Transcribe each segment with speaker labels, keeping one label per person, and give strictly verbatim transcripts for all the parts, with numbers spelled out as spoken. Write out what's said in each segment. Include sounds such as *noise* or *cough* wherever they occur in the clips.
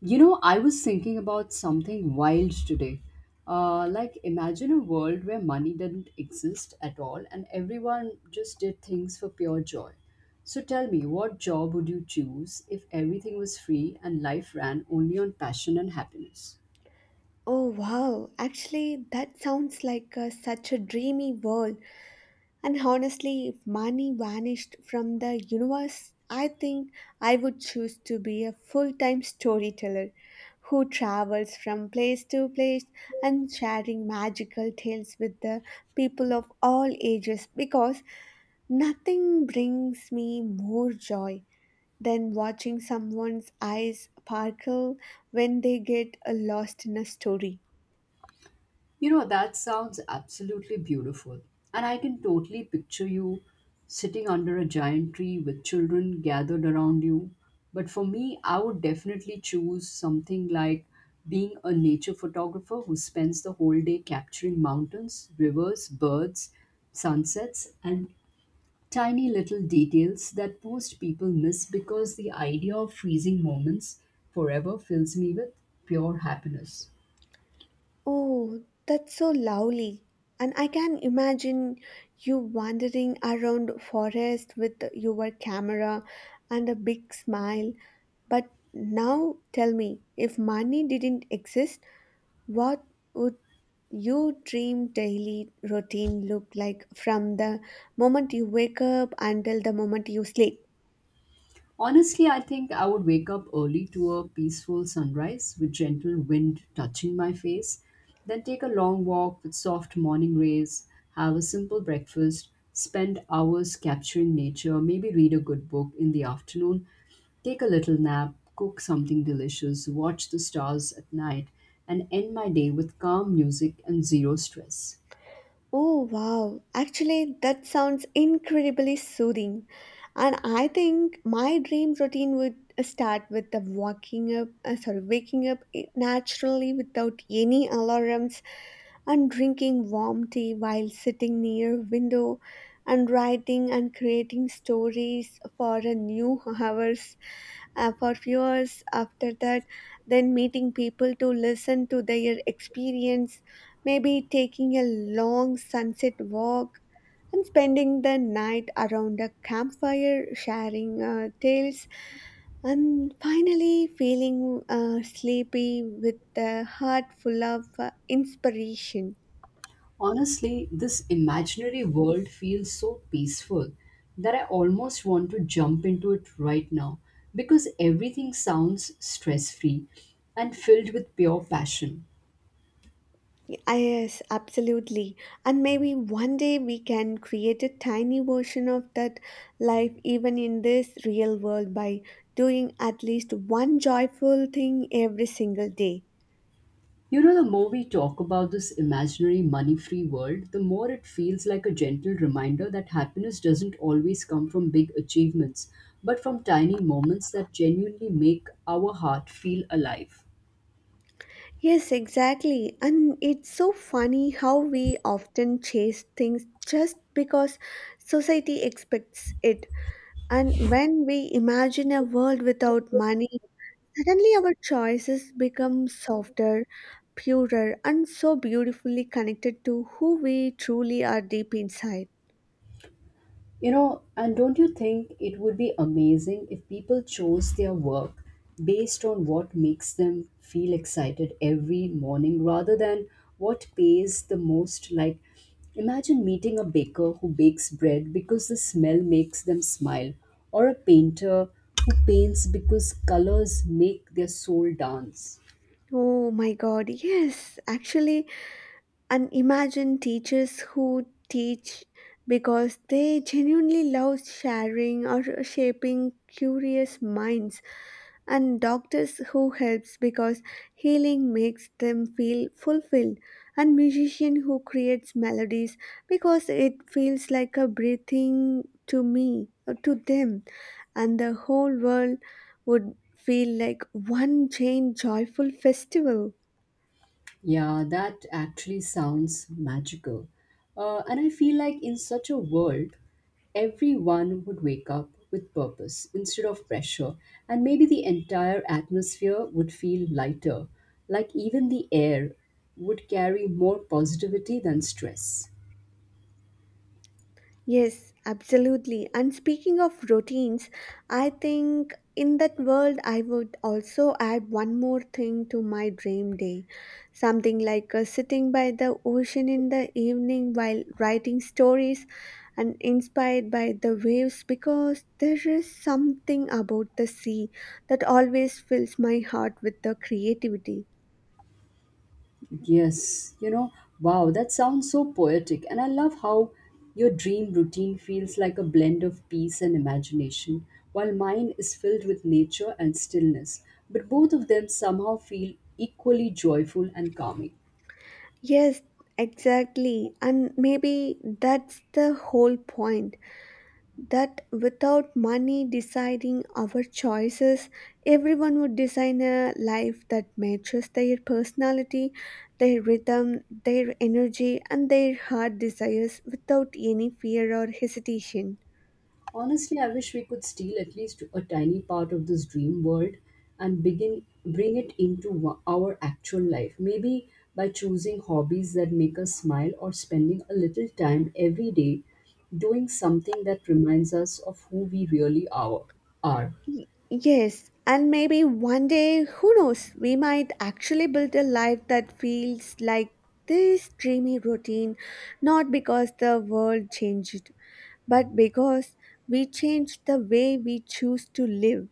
Speaker 1: You know, I was thinking about something wild today. Uh, like, imagine a world where money didn't exist at all and everyone just did things for pure joy. So, tell me, what job would you choose if everything was free and life ran only on passion and happiness?
Speaker 2: Oh wow, actually, that sounds like uh, such a dreamy world. And honestly, if money vanished from the universe, I think I would choose to be a full time storyteller who travels from place to place and sharing magical tales with the people of all ages because nothing brings me more joy than watching someone's eyes sparkle when they get uh, lost in a story.
Speaker 1: You know, that sounds absolutely beautiful. And I can totally picture you sitting under a giant tree with children gathered around you. But for me, I would definitely choose something like being a nature photographer who spends the whole day capturing mountains, rivers, birds, sunsets, and tiny little details that most people miss because the idea of freezing moments forever fills me with pure happiness.
Speaker 2: Oh, that's so lovely. And I can imagine you wandering around forest with your camera and a big smile. But now tell me, if money didn't exist, what would your dream daily routine look like from the moment you wake up until the moment you sleep?
Speaker 1: Honestly, I think I would wake up early to a peaceful sunrise with gentle wind touching my face, then take a long walk with soft morning rays, have a simple breakfast, spend hours capturing nature, maybe read a good book in the afternoon, take a little nap, cook something delicious, watch the stars at night, and end my day with calm music and zero stress.
Speaker 2: Oh wow, actually, that sounds incredibly soothing. And I think my dream routine would uh, start with the waking up, uh, sorry, waking up eh, naturally without any alarms, and drinking warm tea while sitting near window, and writing and creating stories for a new *laughs* hours uh, for few hours after that, then meeting people to listen to their experience, maybe taking a long sunset walk, and spending the night around a campfire sharing uh, tales, and finally feeling uh, sleepy with the heart full of uh, inspiration.
Speaker 1: Honestly, this imaginary world feels so peaceful that I almost want to jump into it right now because everything sounds stress free and filled with pure passion.
Speaker 2: Ah, yes, absolutely. And maybe one day we can create a tiny version of that life even in this real world by doing at least one joyful thing every single day.
Speaker 1: You know, the more we talk about this imaginary money free world, the more it feels like a gentle reminder that happiness doesn't always come from big achievements, but from tiny moments that genuinely make our heart feel alive.
Speaker 2: Yes, exactly. And it's so funny how we often chase things just because society expects it. And when we imagine a world without money, suddenly, our choices become softer, purer, and so beautifully connected to who we truly are deep inside.
Speaker 1: You know, and don't you think it would be amazing if people chose their work based on what makes them feel excited every morning rather than what pays the most? Like, imagine meeting a baker who bakes bread because the smell makes them smile, or a painter who paints because colors make their soul dance.
Speaker 2: Oh my god, yes, actually, and imagine teachers who teach because they genuinely love sharing or shaping curious minds, and doctors who helps because healing makes them feel fulfilled, and musician who creates melodies because it feels like a breathing to me uh, to them, and the whole world would feel like one giant joyful festival.
Speaker 1: Yeah, that actually sounds magical. Uh, and I feel like in such a world, everyone would wake up with purpose instead of pressure, and maybe the entire atmosphere would feel lighter. Like even the air would carry more positivity than stress.
Speaker 2: Yes, absolutely. And speaking of routines, I think in that world I would also add one more thing to my dream day. Something like uh, sitting by the ocean in the evening while writing stories and inspired by the waves, because there is something about the sea that always fills my heart with the creativity.
Speaker 1: Yes, you know, wow, that sounds so poetic. And I love how your dream routine feels like a blend of peace and imagination, while mine is filled with nature and stillness. But both of them somehow feel equally joyful and calming.
Speaker 2: Yes, exactly. And maybe that's the whole point, that without money deciding our choices, everyone would design a life that matches their personality, their rhythm, their energy, and their heart desires without any fear or hesitation.
Speaker 1: Honestly, I wish we could steal at least a tiny part of this dream world and begin bring it into wa- our actual life. Maybe by choosing hobbies that make us smile or spending a little time every day doing something that reminds us of who we really are. are.
Speaker 2: Y- Yes, and maybe one day, who knows, we might actually build a life that feels like this dreamy routine, not because the world changed, but because we changed the way we choose to live.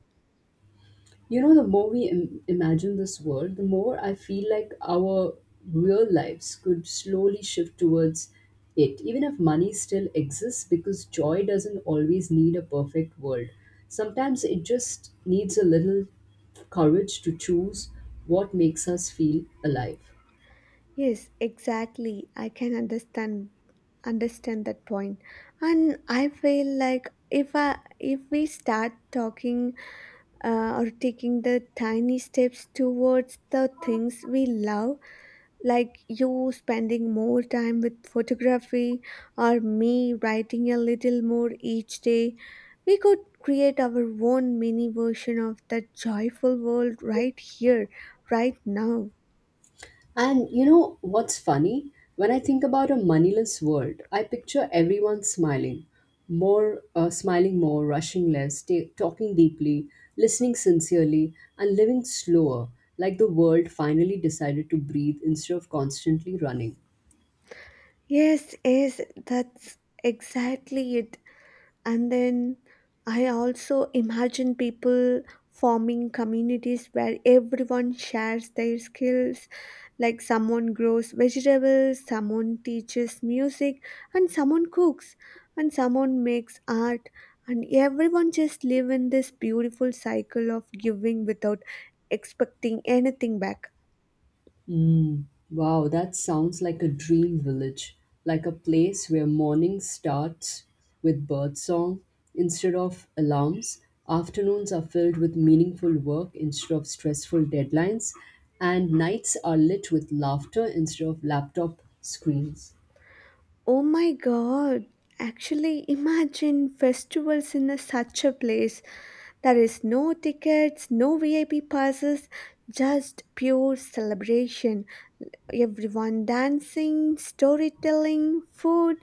Speaker 1: You know, the more we Im- imagine this world, the more I feel like our real lives could slowly shift towards it, even if money still exists, because joy doesn't always need a perfect world. Sometimes it just needs a little courage to choose what makes us feel alive.
Speaker 2: Yes, exactly. I can understand understand that point. And I feel like if I if we start talking, uh, or taking the tiny steps towards the things we love, like you spending more time with photography or me writing a little more each day. We could create our own mini version of that joyful world right here, right now.
Speaker 1: And you know what's funny? When I think about a moneyless world, I picture everyone smiling, more uh, smiling more, rushing less, ta- talking deeply, listening sincerely, and living slower, like the world finally decided to breathe instead of constantly running.
Speaker 2: Yes, yes, that's exactly it. And then I also imagine people forming communities where everyone shares their skills, like someone grows vegetables, someone teaches music, and someone cooks, and someone makes art, and everyone just live in this beautiful cycle of giving without expecting anything back.
Speaker 1: Mm, wow, that sounds like a dream village, like a place where morning starts with birdsong instead of alarms, afternoons are filled with meaningful work instead of stressful deadlines, and nights are lit with laughter instead of laptop screens.
Speaker 2: Oh my god! Actually, imagine festivals in a, such a place. There is no tickets, no V I P passes, just pure celebration. Everyone dancing, storytelling, food,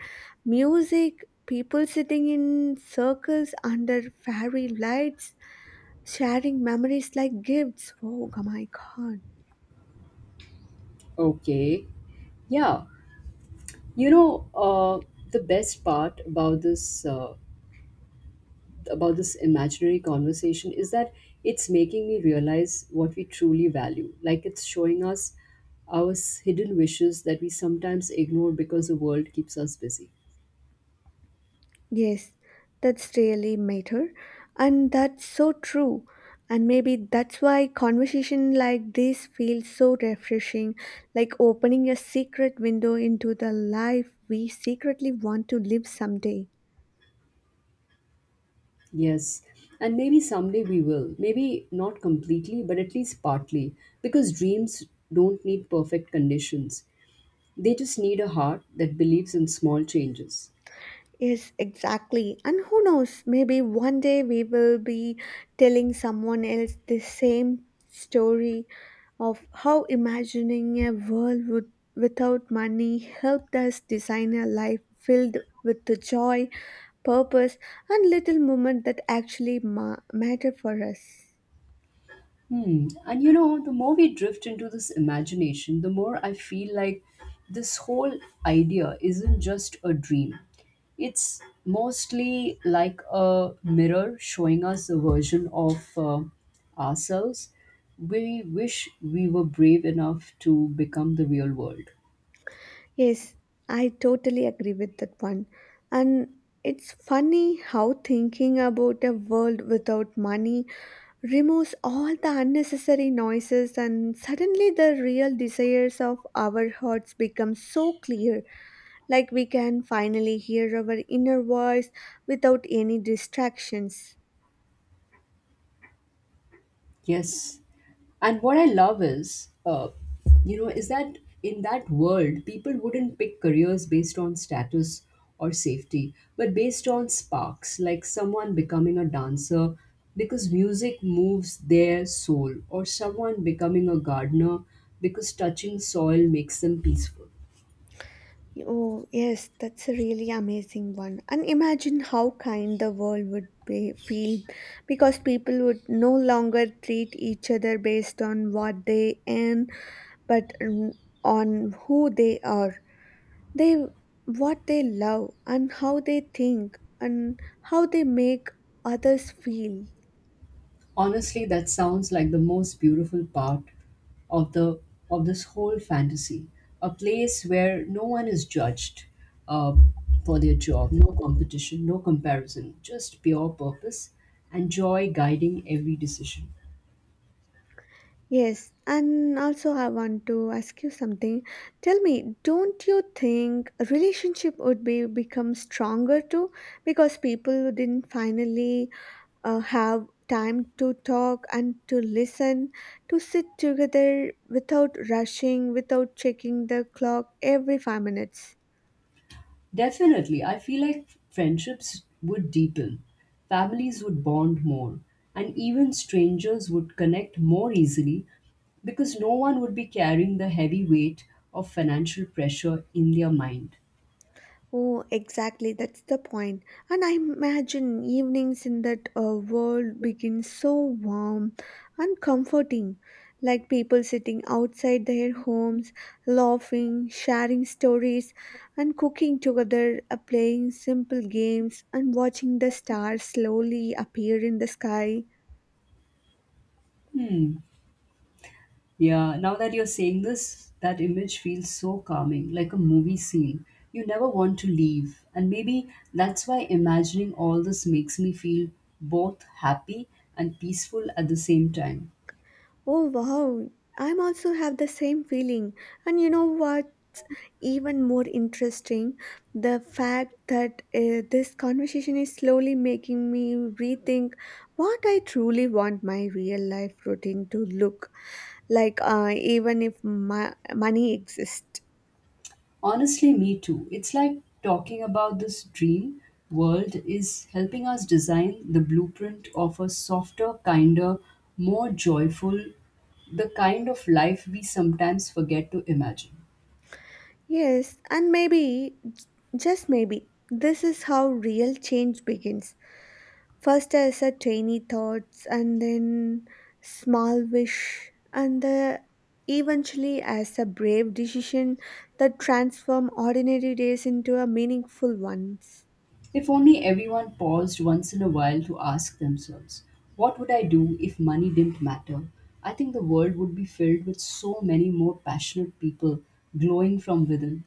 Speaker 2: music, people sitting in circles under fairy lights, sharing memories like gifts. Oh my god!
Speaker 1: Okay. Yeah. You know, uh, the best part about this uh, about this imaginary conversation is that it's making me realize what we truly value. Like, it's showing us our s- hidden wishes that we sometimes ignore because the world keeps us busy.
Speaker 2: Yes, that's really matter. And that's so true. And maybe that's why conversation like this feels so refreshing, like opening a secret window into the life we secretly want to live someday.
Speaker 1: Yes. And maybe someday we will. Maybe not completely, but at least partly. Because dreams don't need perfect conditions, they just need a heart that believes in small changes.
Speaker 2: Yes, exactly. And who knows, maybe one day we will be telling someone else the same story of how imagining a world would, without money, helped us design a life filled with the joy, purpose, and little moment that actually ma- matter for us.
Speaker 1: Hmm. And you know, the more we drift into this imagination, the more I feel like this whole idea isn't just a dream. It's mostly like a mirror showing us a version of uh, ourselves we wish we were brave enough to become the real world.
Speaker 2: Yes, I totally agree with that one. And it's funny how thinking about a world without money removes all the unnecessary noises, and suddenly the real desires of our hearts become so clear, like we can finally hear our inner voice without any distractions.
Speaker 1: Yes. And what I love is, uh, you know, is that in that world, people wouldn't pick careers based on status or safety, but based on sparks, like someone becoming a dancer because music moves their soul, or someone becoming a gardener because touching soil makes them peaceful.
Speaker 2: Oh, yes, that's a really amazing one. And imagine how kind the world would be, feel, because people would no longer treat each other based on what they earn, but mm, on who they are, they what they love, and how they think, and how they make others feel.
Speaker 1: Honestly, that sounds like the most beautiful part of the of this whole fantasy. A place where no one is judged uh, for their job, no competition, no comparison, just pure purpose and joy guiding every decision.
Speaker 2: Yes, and also I want to ask you something. Tell me, don't you think a relationship would be become stronger too, because people who didn't finally uh, have time to talk and to listen, to sit together without rushing, without checking the clock every five minutes?
Speaker 1: Definitely, I feel like friendships would deepen, families would bond more, and even strangers would connect more easily because no one would be carrying the heavy weight of financial pressure in their mind.
Speaker 2: Oh, exactly. That's the point. And I imagine evenings in that uh, world begin so warm and comforting, like people sitting outside their homes, laughing, sharing stories, and cooking together, uh, playing simple games, and watching the stars slowly appear in the sky.
Speaker 1: Hmm. Yeah, now that you're saying this, that image feels so calming, like a movie scene. You never want to leave. And maybe that's why imagining all this makes me feel both happy and peaceful at the same time.
Speaker 2: Oh, wow. I'm also have the same feeling. And you know what? Even more interesting, the fact that uh, this conversation is slowly making me rethink what I truly want my real life routine to look like, uh, even if my money exists.
Speaker 1: Honestly, me too. It's like talking about this dream world is helping us design the blueprint of a softer, kinder, more joyful, the kind of life we sometimes forget to imagine.
Speaker 2: Yes, and maybe, j- just maybe, this is how real change begins. First as a tiny thoughts, and then small wish, and the eventually as a brave decision that transform ordinary days into a meaningful ones.
Speaker 1: If only everyone paused once in a while to ask themselves, what would I do if money didn't matter? I think the world would be filled with so many more passionate people glowing from within.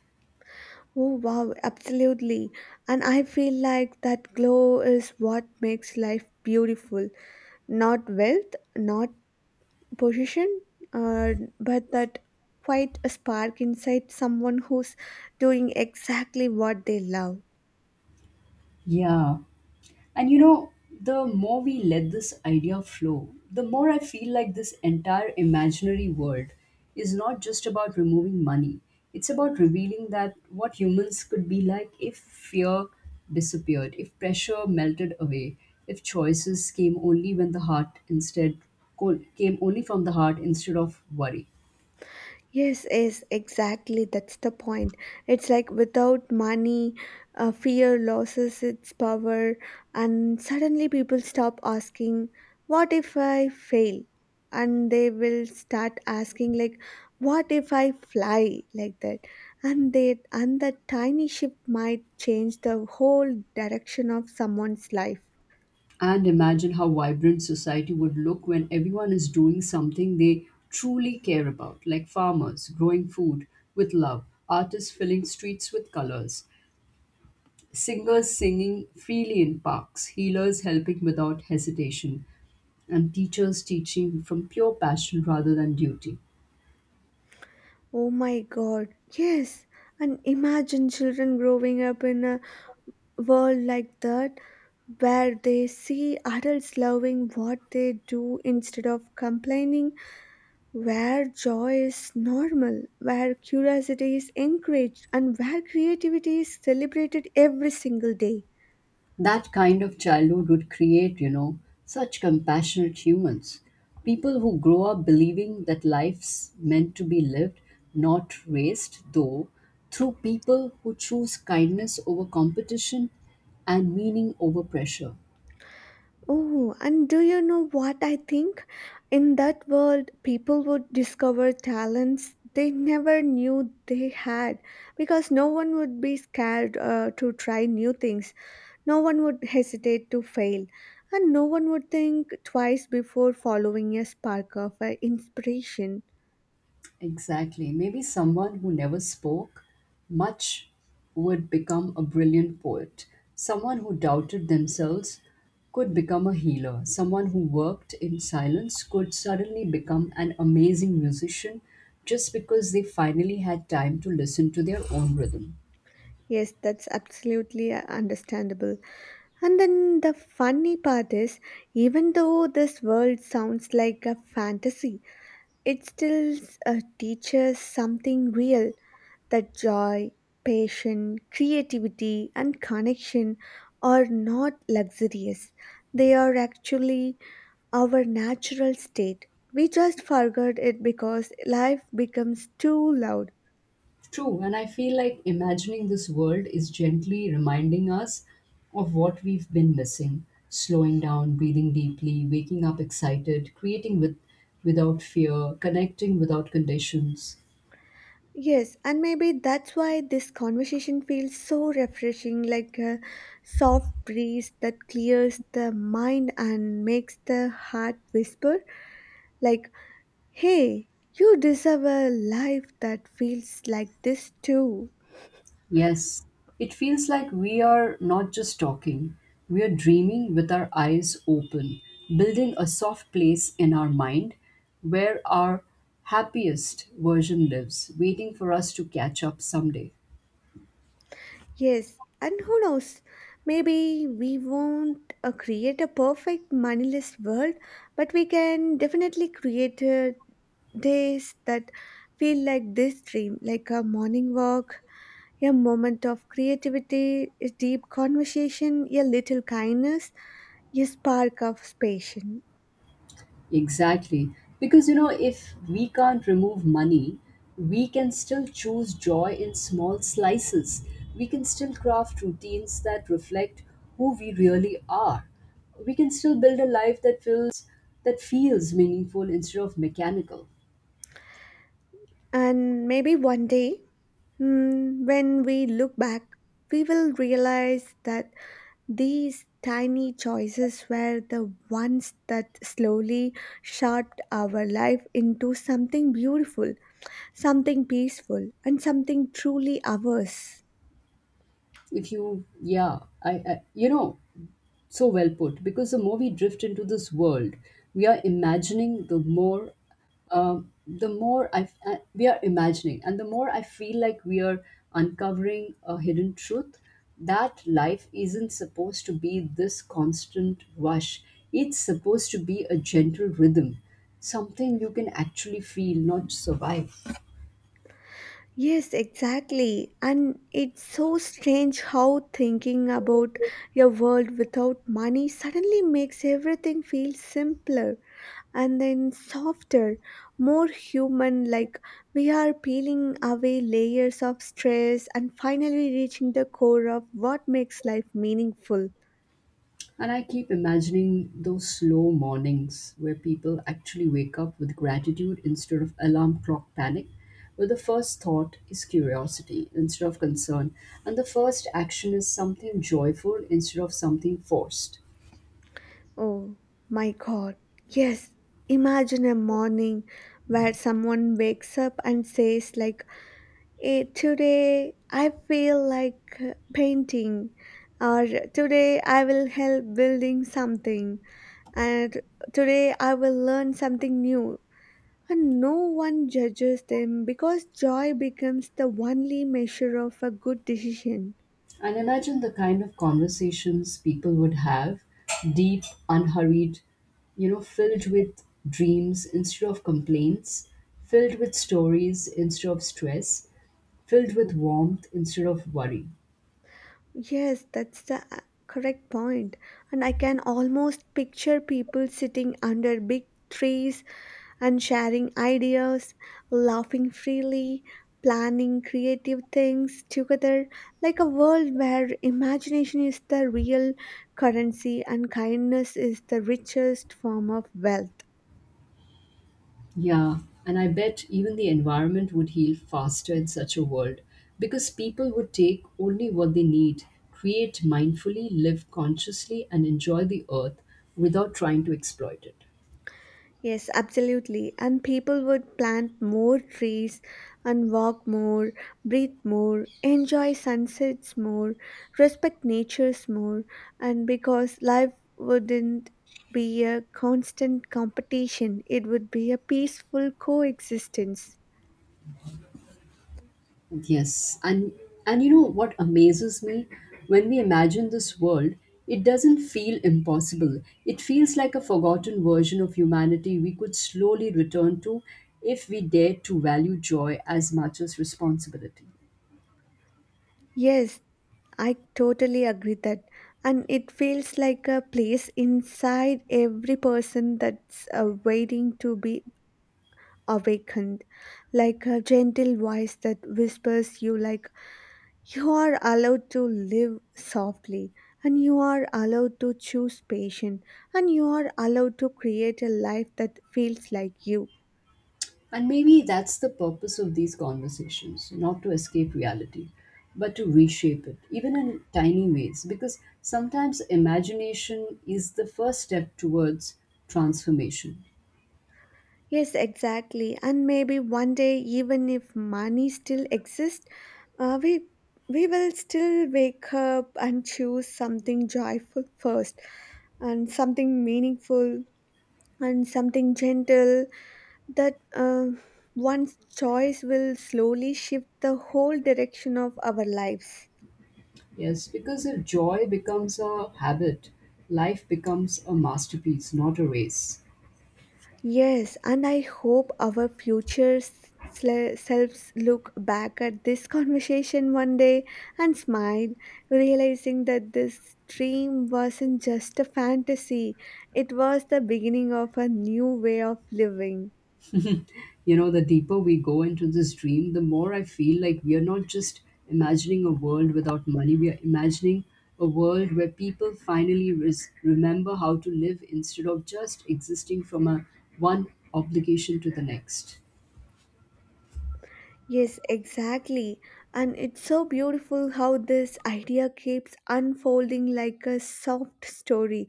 Speaker 2: Oh wow, absolutely. And I feel like that glow is what makes life beautiful. Not wealth, not position, uh, but that quite a spark inside someone who's doing exactly what they love.
Speaker 1: Yeah, and you know, the more we let this idea flow, the more I feel like this entire imaginary world is not just about removing money. It's about revealing that what humans could be like if fear disappeared, if pressure melted away, if choices came only when the heart instead came only from the heart instead of worry.
Speaker 2: Yes, yes, exactly. That's the point. It's like without money, uh, fear loses its power, and suddenly people stop asking, what if I fail? And they will start asking, like, what if I fly? Like that. And, they, and that tiny shift might change the whole direction of someone's life.
Speaker 1: And imagine how vibrant society would look when everyone is doing something they truly care about, like farmers growing food with love, artists filling streets with colors, singers singing freely in parks, healers helping without hesitation, and teachers teaching from pure passion rather than duty.
Speaker 2: Oh my god, yes. And imagine children growing up in a world like that, where they see adults loving what they do instead of complaining, where joy is normal, where curiosity is encouraged, and where creativity is celebrated every single day.
Speaker 1: That kind of childhood would create, you know, such compassionate humans. People who grow up believing that life's meant to be lived, not raced, though, through people who choose kindness over competition and meaning over pressure.
Speaker 2: Oh, and do you know what I think? In that world, people would discover talents they never knew they had because no one would be scared uh, to try new things. No one would hesitate to fail, and no one would think twice before following a spark of uh, inspiration.
Speaker 1: Exactly. Maybe someone who never spoke much would become a brilliant poet. Someone who doubted themselves could become a healer. Someone who worked in silence could suddenly become an amazing musician just because they finally had time to listen to their own rhythm.
Speaker 2: Yes, that's absolutely uh, understandable. And then the funny part is, even though this world sounds like a fantasy, it still uh, teaches something real, that joy, passion, creativity, and connection are not luxurious. They are actually our natural state. We just forgot it because life becomes too loud.
Speaker 1: True, and I feel like imagining this world is gently reminding us of what we've been missing. Slowing down, breathing deeply, waking up excited, creating with without fear, connecting without conditions.
Speaker 2: Yes, and maybe that's why this conversation feels so refreshing, like a soft breeze that clears the mind and makes the heart whisper like, hey, you deserve a life that feels like this too.
Speaker 1: Yes, it feels like we are not just talking, we are dreaming with our eyes open, building a soft place in our mind where our happiest version lives, waiting for us to catch up someday.
Speaker 2: Yes, and who knows? Maybe we won't uh, create a perfect moneyless world, but we can definitely create uh, days that feel like this dream, like a morning walk, a moment of creativity, a deep conversation, a little kindness, a spark of passion.
Speaker 1: Exactly. Because, you know, if we can't remove money, we can still choose joy in small slices. We can still craft routines that reflect who we really are. We can still build a life that feels that feels meaningful instead of mechanical.
Speaker 2: And maybe one day, mm, when we look back, we will realize that these tiny choices were the ones that slowly shaped our life into something beautiful, something peaceful, and something truly ours.
Speaker 1: If you, yeah, I, I you know, So well put, because the more we drift into this world we are imagining, the more um, the more I, I- we are imagining and the more I feel like we are uncovering a hidden truth, that life isn't supposed to be this constant rush. It's supposed to be a gentle rhythm, something you can actually feel, not survive.
Speaker 2: Yes, exactly. And it's so strange how thinking about your world without money suddenly makes everything feel simpler, and then softer, more human, like we are peeling away layers of stress and finally reaching the core of what makes life meaningful.
Speaker 1: And I keep imagining those slow mornings where people actually wake up with gratitude instead of alarm clock panic, where the first thought is curiosity instead of concern, and the first action is something joyful instead of something forced.
Speaker 2: Oh my god. Yes. Imagine a morning where someone wakes up and says like, "Eh, today I feel like uh, painting, or today I will help building something, and today I will learn something new." And no one judges them because joy becomes the only measure of a good decision.
Speaker 1: And imagine the kind of conversations people would have, deep, unhurried, you know, filled with dreams instead of complaints, filled with stories instead of stress, filled with warmth instead of worry.
Speaker 2: Yes, that's the uh, correct point. And I can almost picture people sitting under big trees and sharing ideas, laughing freely, planning creative things together, like a world where imagination is the real currency and kindness is the richest form of wealth.
Speaker 1: Yeah, and I bet even the environment would heal faster in such a world because people would take only what they need, create mindfully, live consciously, and enjoy the earth without trying to exploit it.
Speaker 2: Yes, absolutely. And people would plant more trees and walk more, breathe more, enjoy sunsets more, respect nature's more, and because life wouldn't be a constant competition, it would be a peaceful coexistence.
Speaker 1: Yes, and and you know what amazes me, when we imagine this world, it doesn't feel impossible. It feels like a forgotten version of humanity we could slowly return to if we dared to value joy as much as responsibility.
Speaker 2: Yes, I totally agree that. And it feels like a place inside every person that's uh, waiting to be awakened, like a gentle voice that whispers you like, you are allowed to live softly, and you are allowed to choose patience, and you are allowed to create a life that feels like you.
Speaker 1: And maybe that's the purpose of these conversations, not to escape reality, but to reshape it, even in tiny ways, because sometimes imagination is the first step towards transformation.
Speaker 2: Yes, exactly. And maybe one day, even if money still exists, uh, we we will still wake up and choose something joyful first, and something meaningful, and something gentle, that uh, one's choice will slowly shift the whole direction of our lives.
Speaker 1: Yes, because if joy becomes a habit, life becomes a masterpiece, not a race.
Speaker 2: Yes, and I hope our future s- sle- selves look back at this conversation one day and smile, realizing that this dream wasn't just a fantasy, it was the beginning of a new way of living.
Speaker 1: You know, the deeper we go into this dream, the more I feel like we are not just imagining a world without money, we are imagining a world where people finally res- remember how to live instead of just existing from a one obligation to the next.
Speaker 2: Yes, exactly. And it's so beautiful how this idea keeps unfolding like a soft story,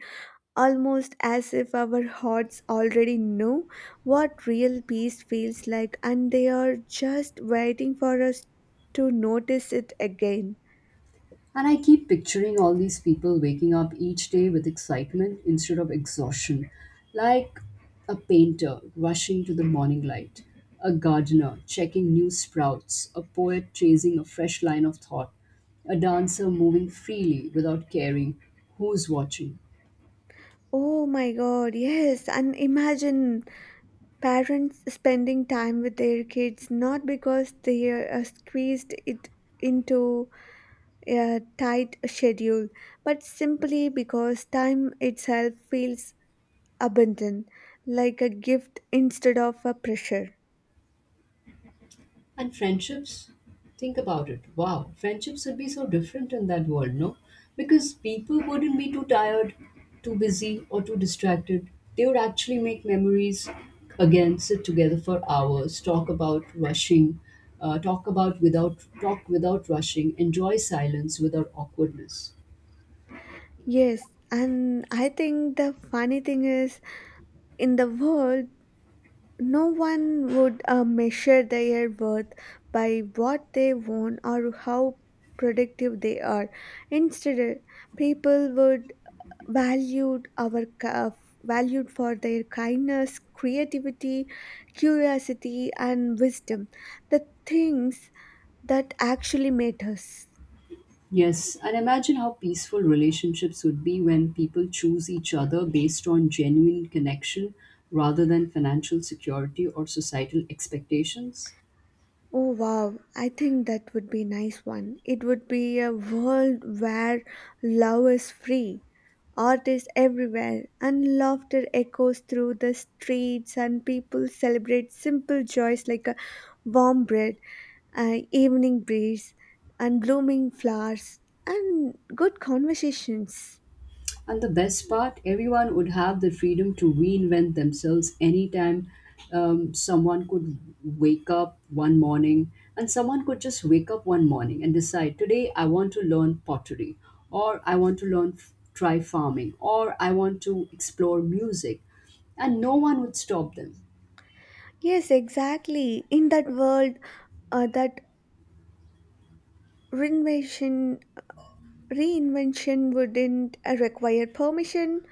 Speaker 2: almost as if our hearts already know what real peace feels like, and they are just waiting for us to notice it again.
Speaker 1: And I keep picturing all these people waking up each day with excitement instead of exhaustion, like a painter rushing to the morning light, a gardener checking new sprouts, a poet chasing a fresh line of thought, a dancer moving freely without caring who's watching.
Speaker 2: Oh my god, yes, and imagine parents spending time with their kids not because they are uh, squeezed it into a tight schedule, but simply because time itself feels abundant, like a gift instead of a pressure.
Speaker 1: And friendships, think about it. Wow, friendships would be so different in that world, no? Because people wouldn't be too tired, too busy, or too distracted. They would actually make memories again, sit together for hours, talk about rushing, uh, talk about without talk without rushing, enjoy silence without awkwardness.
Speaker 2: Yes, and I think the funny thing is, in the world, no one would uh, measure their worth by what they own or how productive they are. Instead, people would value our ca- valued for their kindness, creativity, curiosity, and wisdom, the things that actually matters.
Speaker 1: Yes, and imagine how peaceful relationships would be when people choose each other based on genuine connection rather than financial security or societal expectations.
Speaker 2: Oh wow, I think that would be nice one. It would be a world where love is free, art is everywhere, and laughter echoes through the streets and people celebrate simple joys like a warm bread, uh, evening breeze, and blooming flowers and good conversations.
Speaker 1: And the best part, everyone would have the freedom to reinvent themselves anytime. Um, someone could wake up one morning, and someone could just wake up one morning and decide, today I want to learn pottery, or I want to learn, try farming, or I want to explore music. And no one would stop them.
Speaker 2: Yes, exactly. In that world, uh, that renovation Reinvention wouldn't uh, require permission,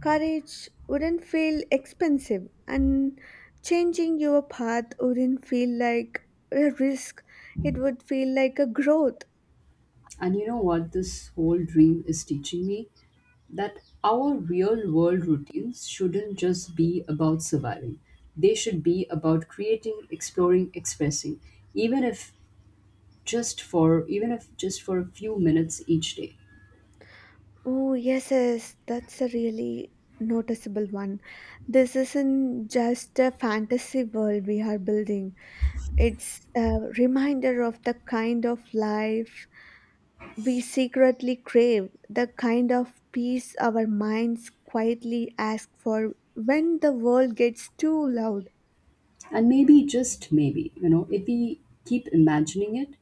Speaker 2: courage wouldn't feel expensive, and changing your path wouldn't feel like a risk. It would feel like a growth.
Speaker 1: And you know what this whole dream is teaching me? That our real world routines shouldn't just be about surviving. They should be about creating, exploring, expressing, even if just for even if just for a few minutes each day.
Speaker 2: Oh, yes, yes, that's a really noticeable one. This isn't just a fantasy world we are building, it's a reminder of the kind of life. We secretly crave the kind of peace our minds quietly ask for when the world gets too loud.
Speaker 1: And maybe just maybe, you know, if we keep imagining it,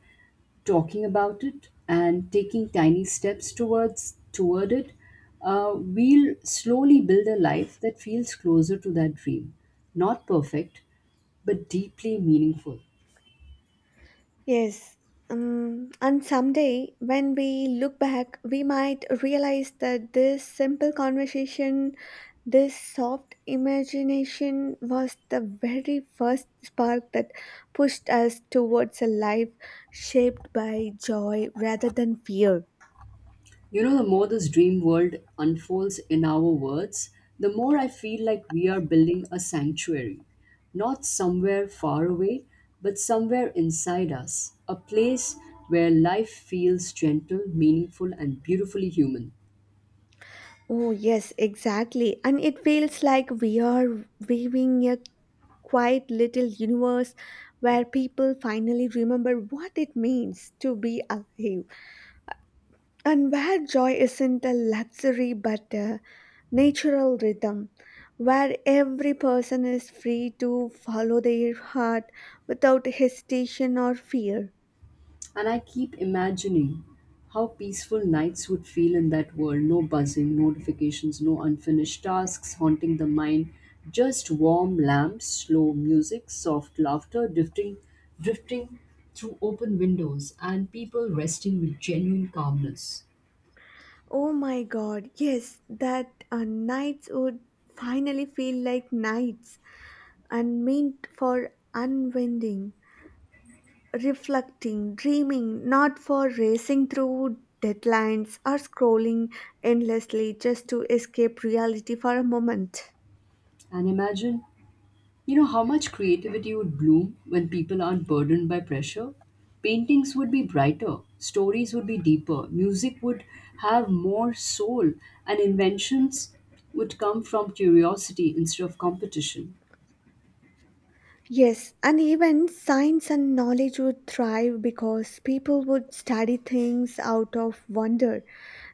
Speaker 1: talking about it and taking tiny steps towards toward it, uh, we'll slowly build a life that feels closer to that dream. Not perfect, but deeply meaningful.
Speaker 2: Yes. Um, and someday, when we look back, we might realize that this simple conversation, this soft imagination, was the very first spark that pushed us towards a life shaped by joy rather than fear.
Speaker 1: You know, the more this dream world unfolds in our words, the more I feel like we are building a sanctuary. Not somewhere far away, but somewhere inside us. A place where life feels gentle, meaningful, and beautifully human.
Speaker 2: Oh, yes, exactly. And it feels like we are weaving a quiet little universe where people finally remember what it means to be alive, and where joy isn't a luxury but a natural rhythm, where every person is free to follow their heart without hesitation or fear.
Speaker 1: And I keep imagining how peaceful nights would feel in that world, no buzzing, no notifications, no unfinished tasks haunting the mind, just warm lamps, slow music, soft laughter drifting, drifting through open windows, and people resting with genuine calmness.
Speaker 2: Oh my god, yes, that uh, nights would finally feel like nights and meant for unwinding, reflecting, dreaming, not for racing through deadlines or scrolling endlessly just to escape reality for a moment.
Speaker 1: And imagine, you know, how much creativity would bloom when people aren't burdened by pressure? Paintings would be brighter, stories would be deeper, music would have more soul, and inventions would come from curiosity instead of competition.
Speaker 2: Yes, and even science and knowledge would thrive because people would study things out of wonder,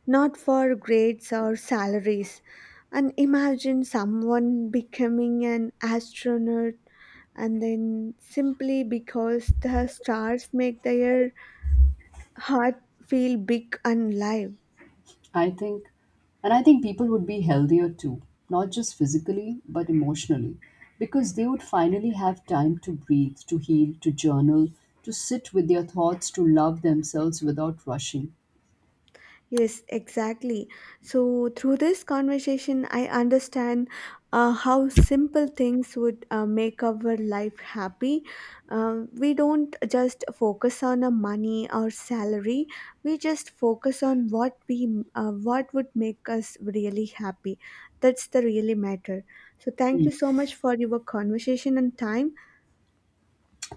Speaker 2: not for grades or salaries. And imagine someone becoming an astronaut and then simply because the stars make their heart feel big and live.
Speaker 1: I think, and I think people would be healthier too, not just physically, but emotionally, because they would finally have time to breathe, to heal, to journal, to sit with their thoughts, to love themselves without rushing.
Speaker 2: Yes, exactly. So, through this conversation, I understand uh, how simple things would uh, make our life happy. Uh, we don't just focus on a money or salary. We just focus on what we uh, what would make us really happy. That's the really matter. So, thank
Speaker 1: Hmm.
Speaker 2: you so much for your conversation and time.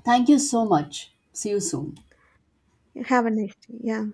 Speaker 1: Thank you so much. See you soon.
Speaker 2: Have a nice day. Yeah.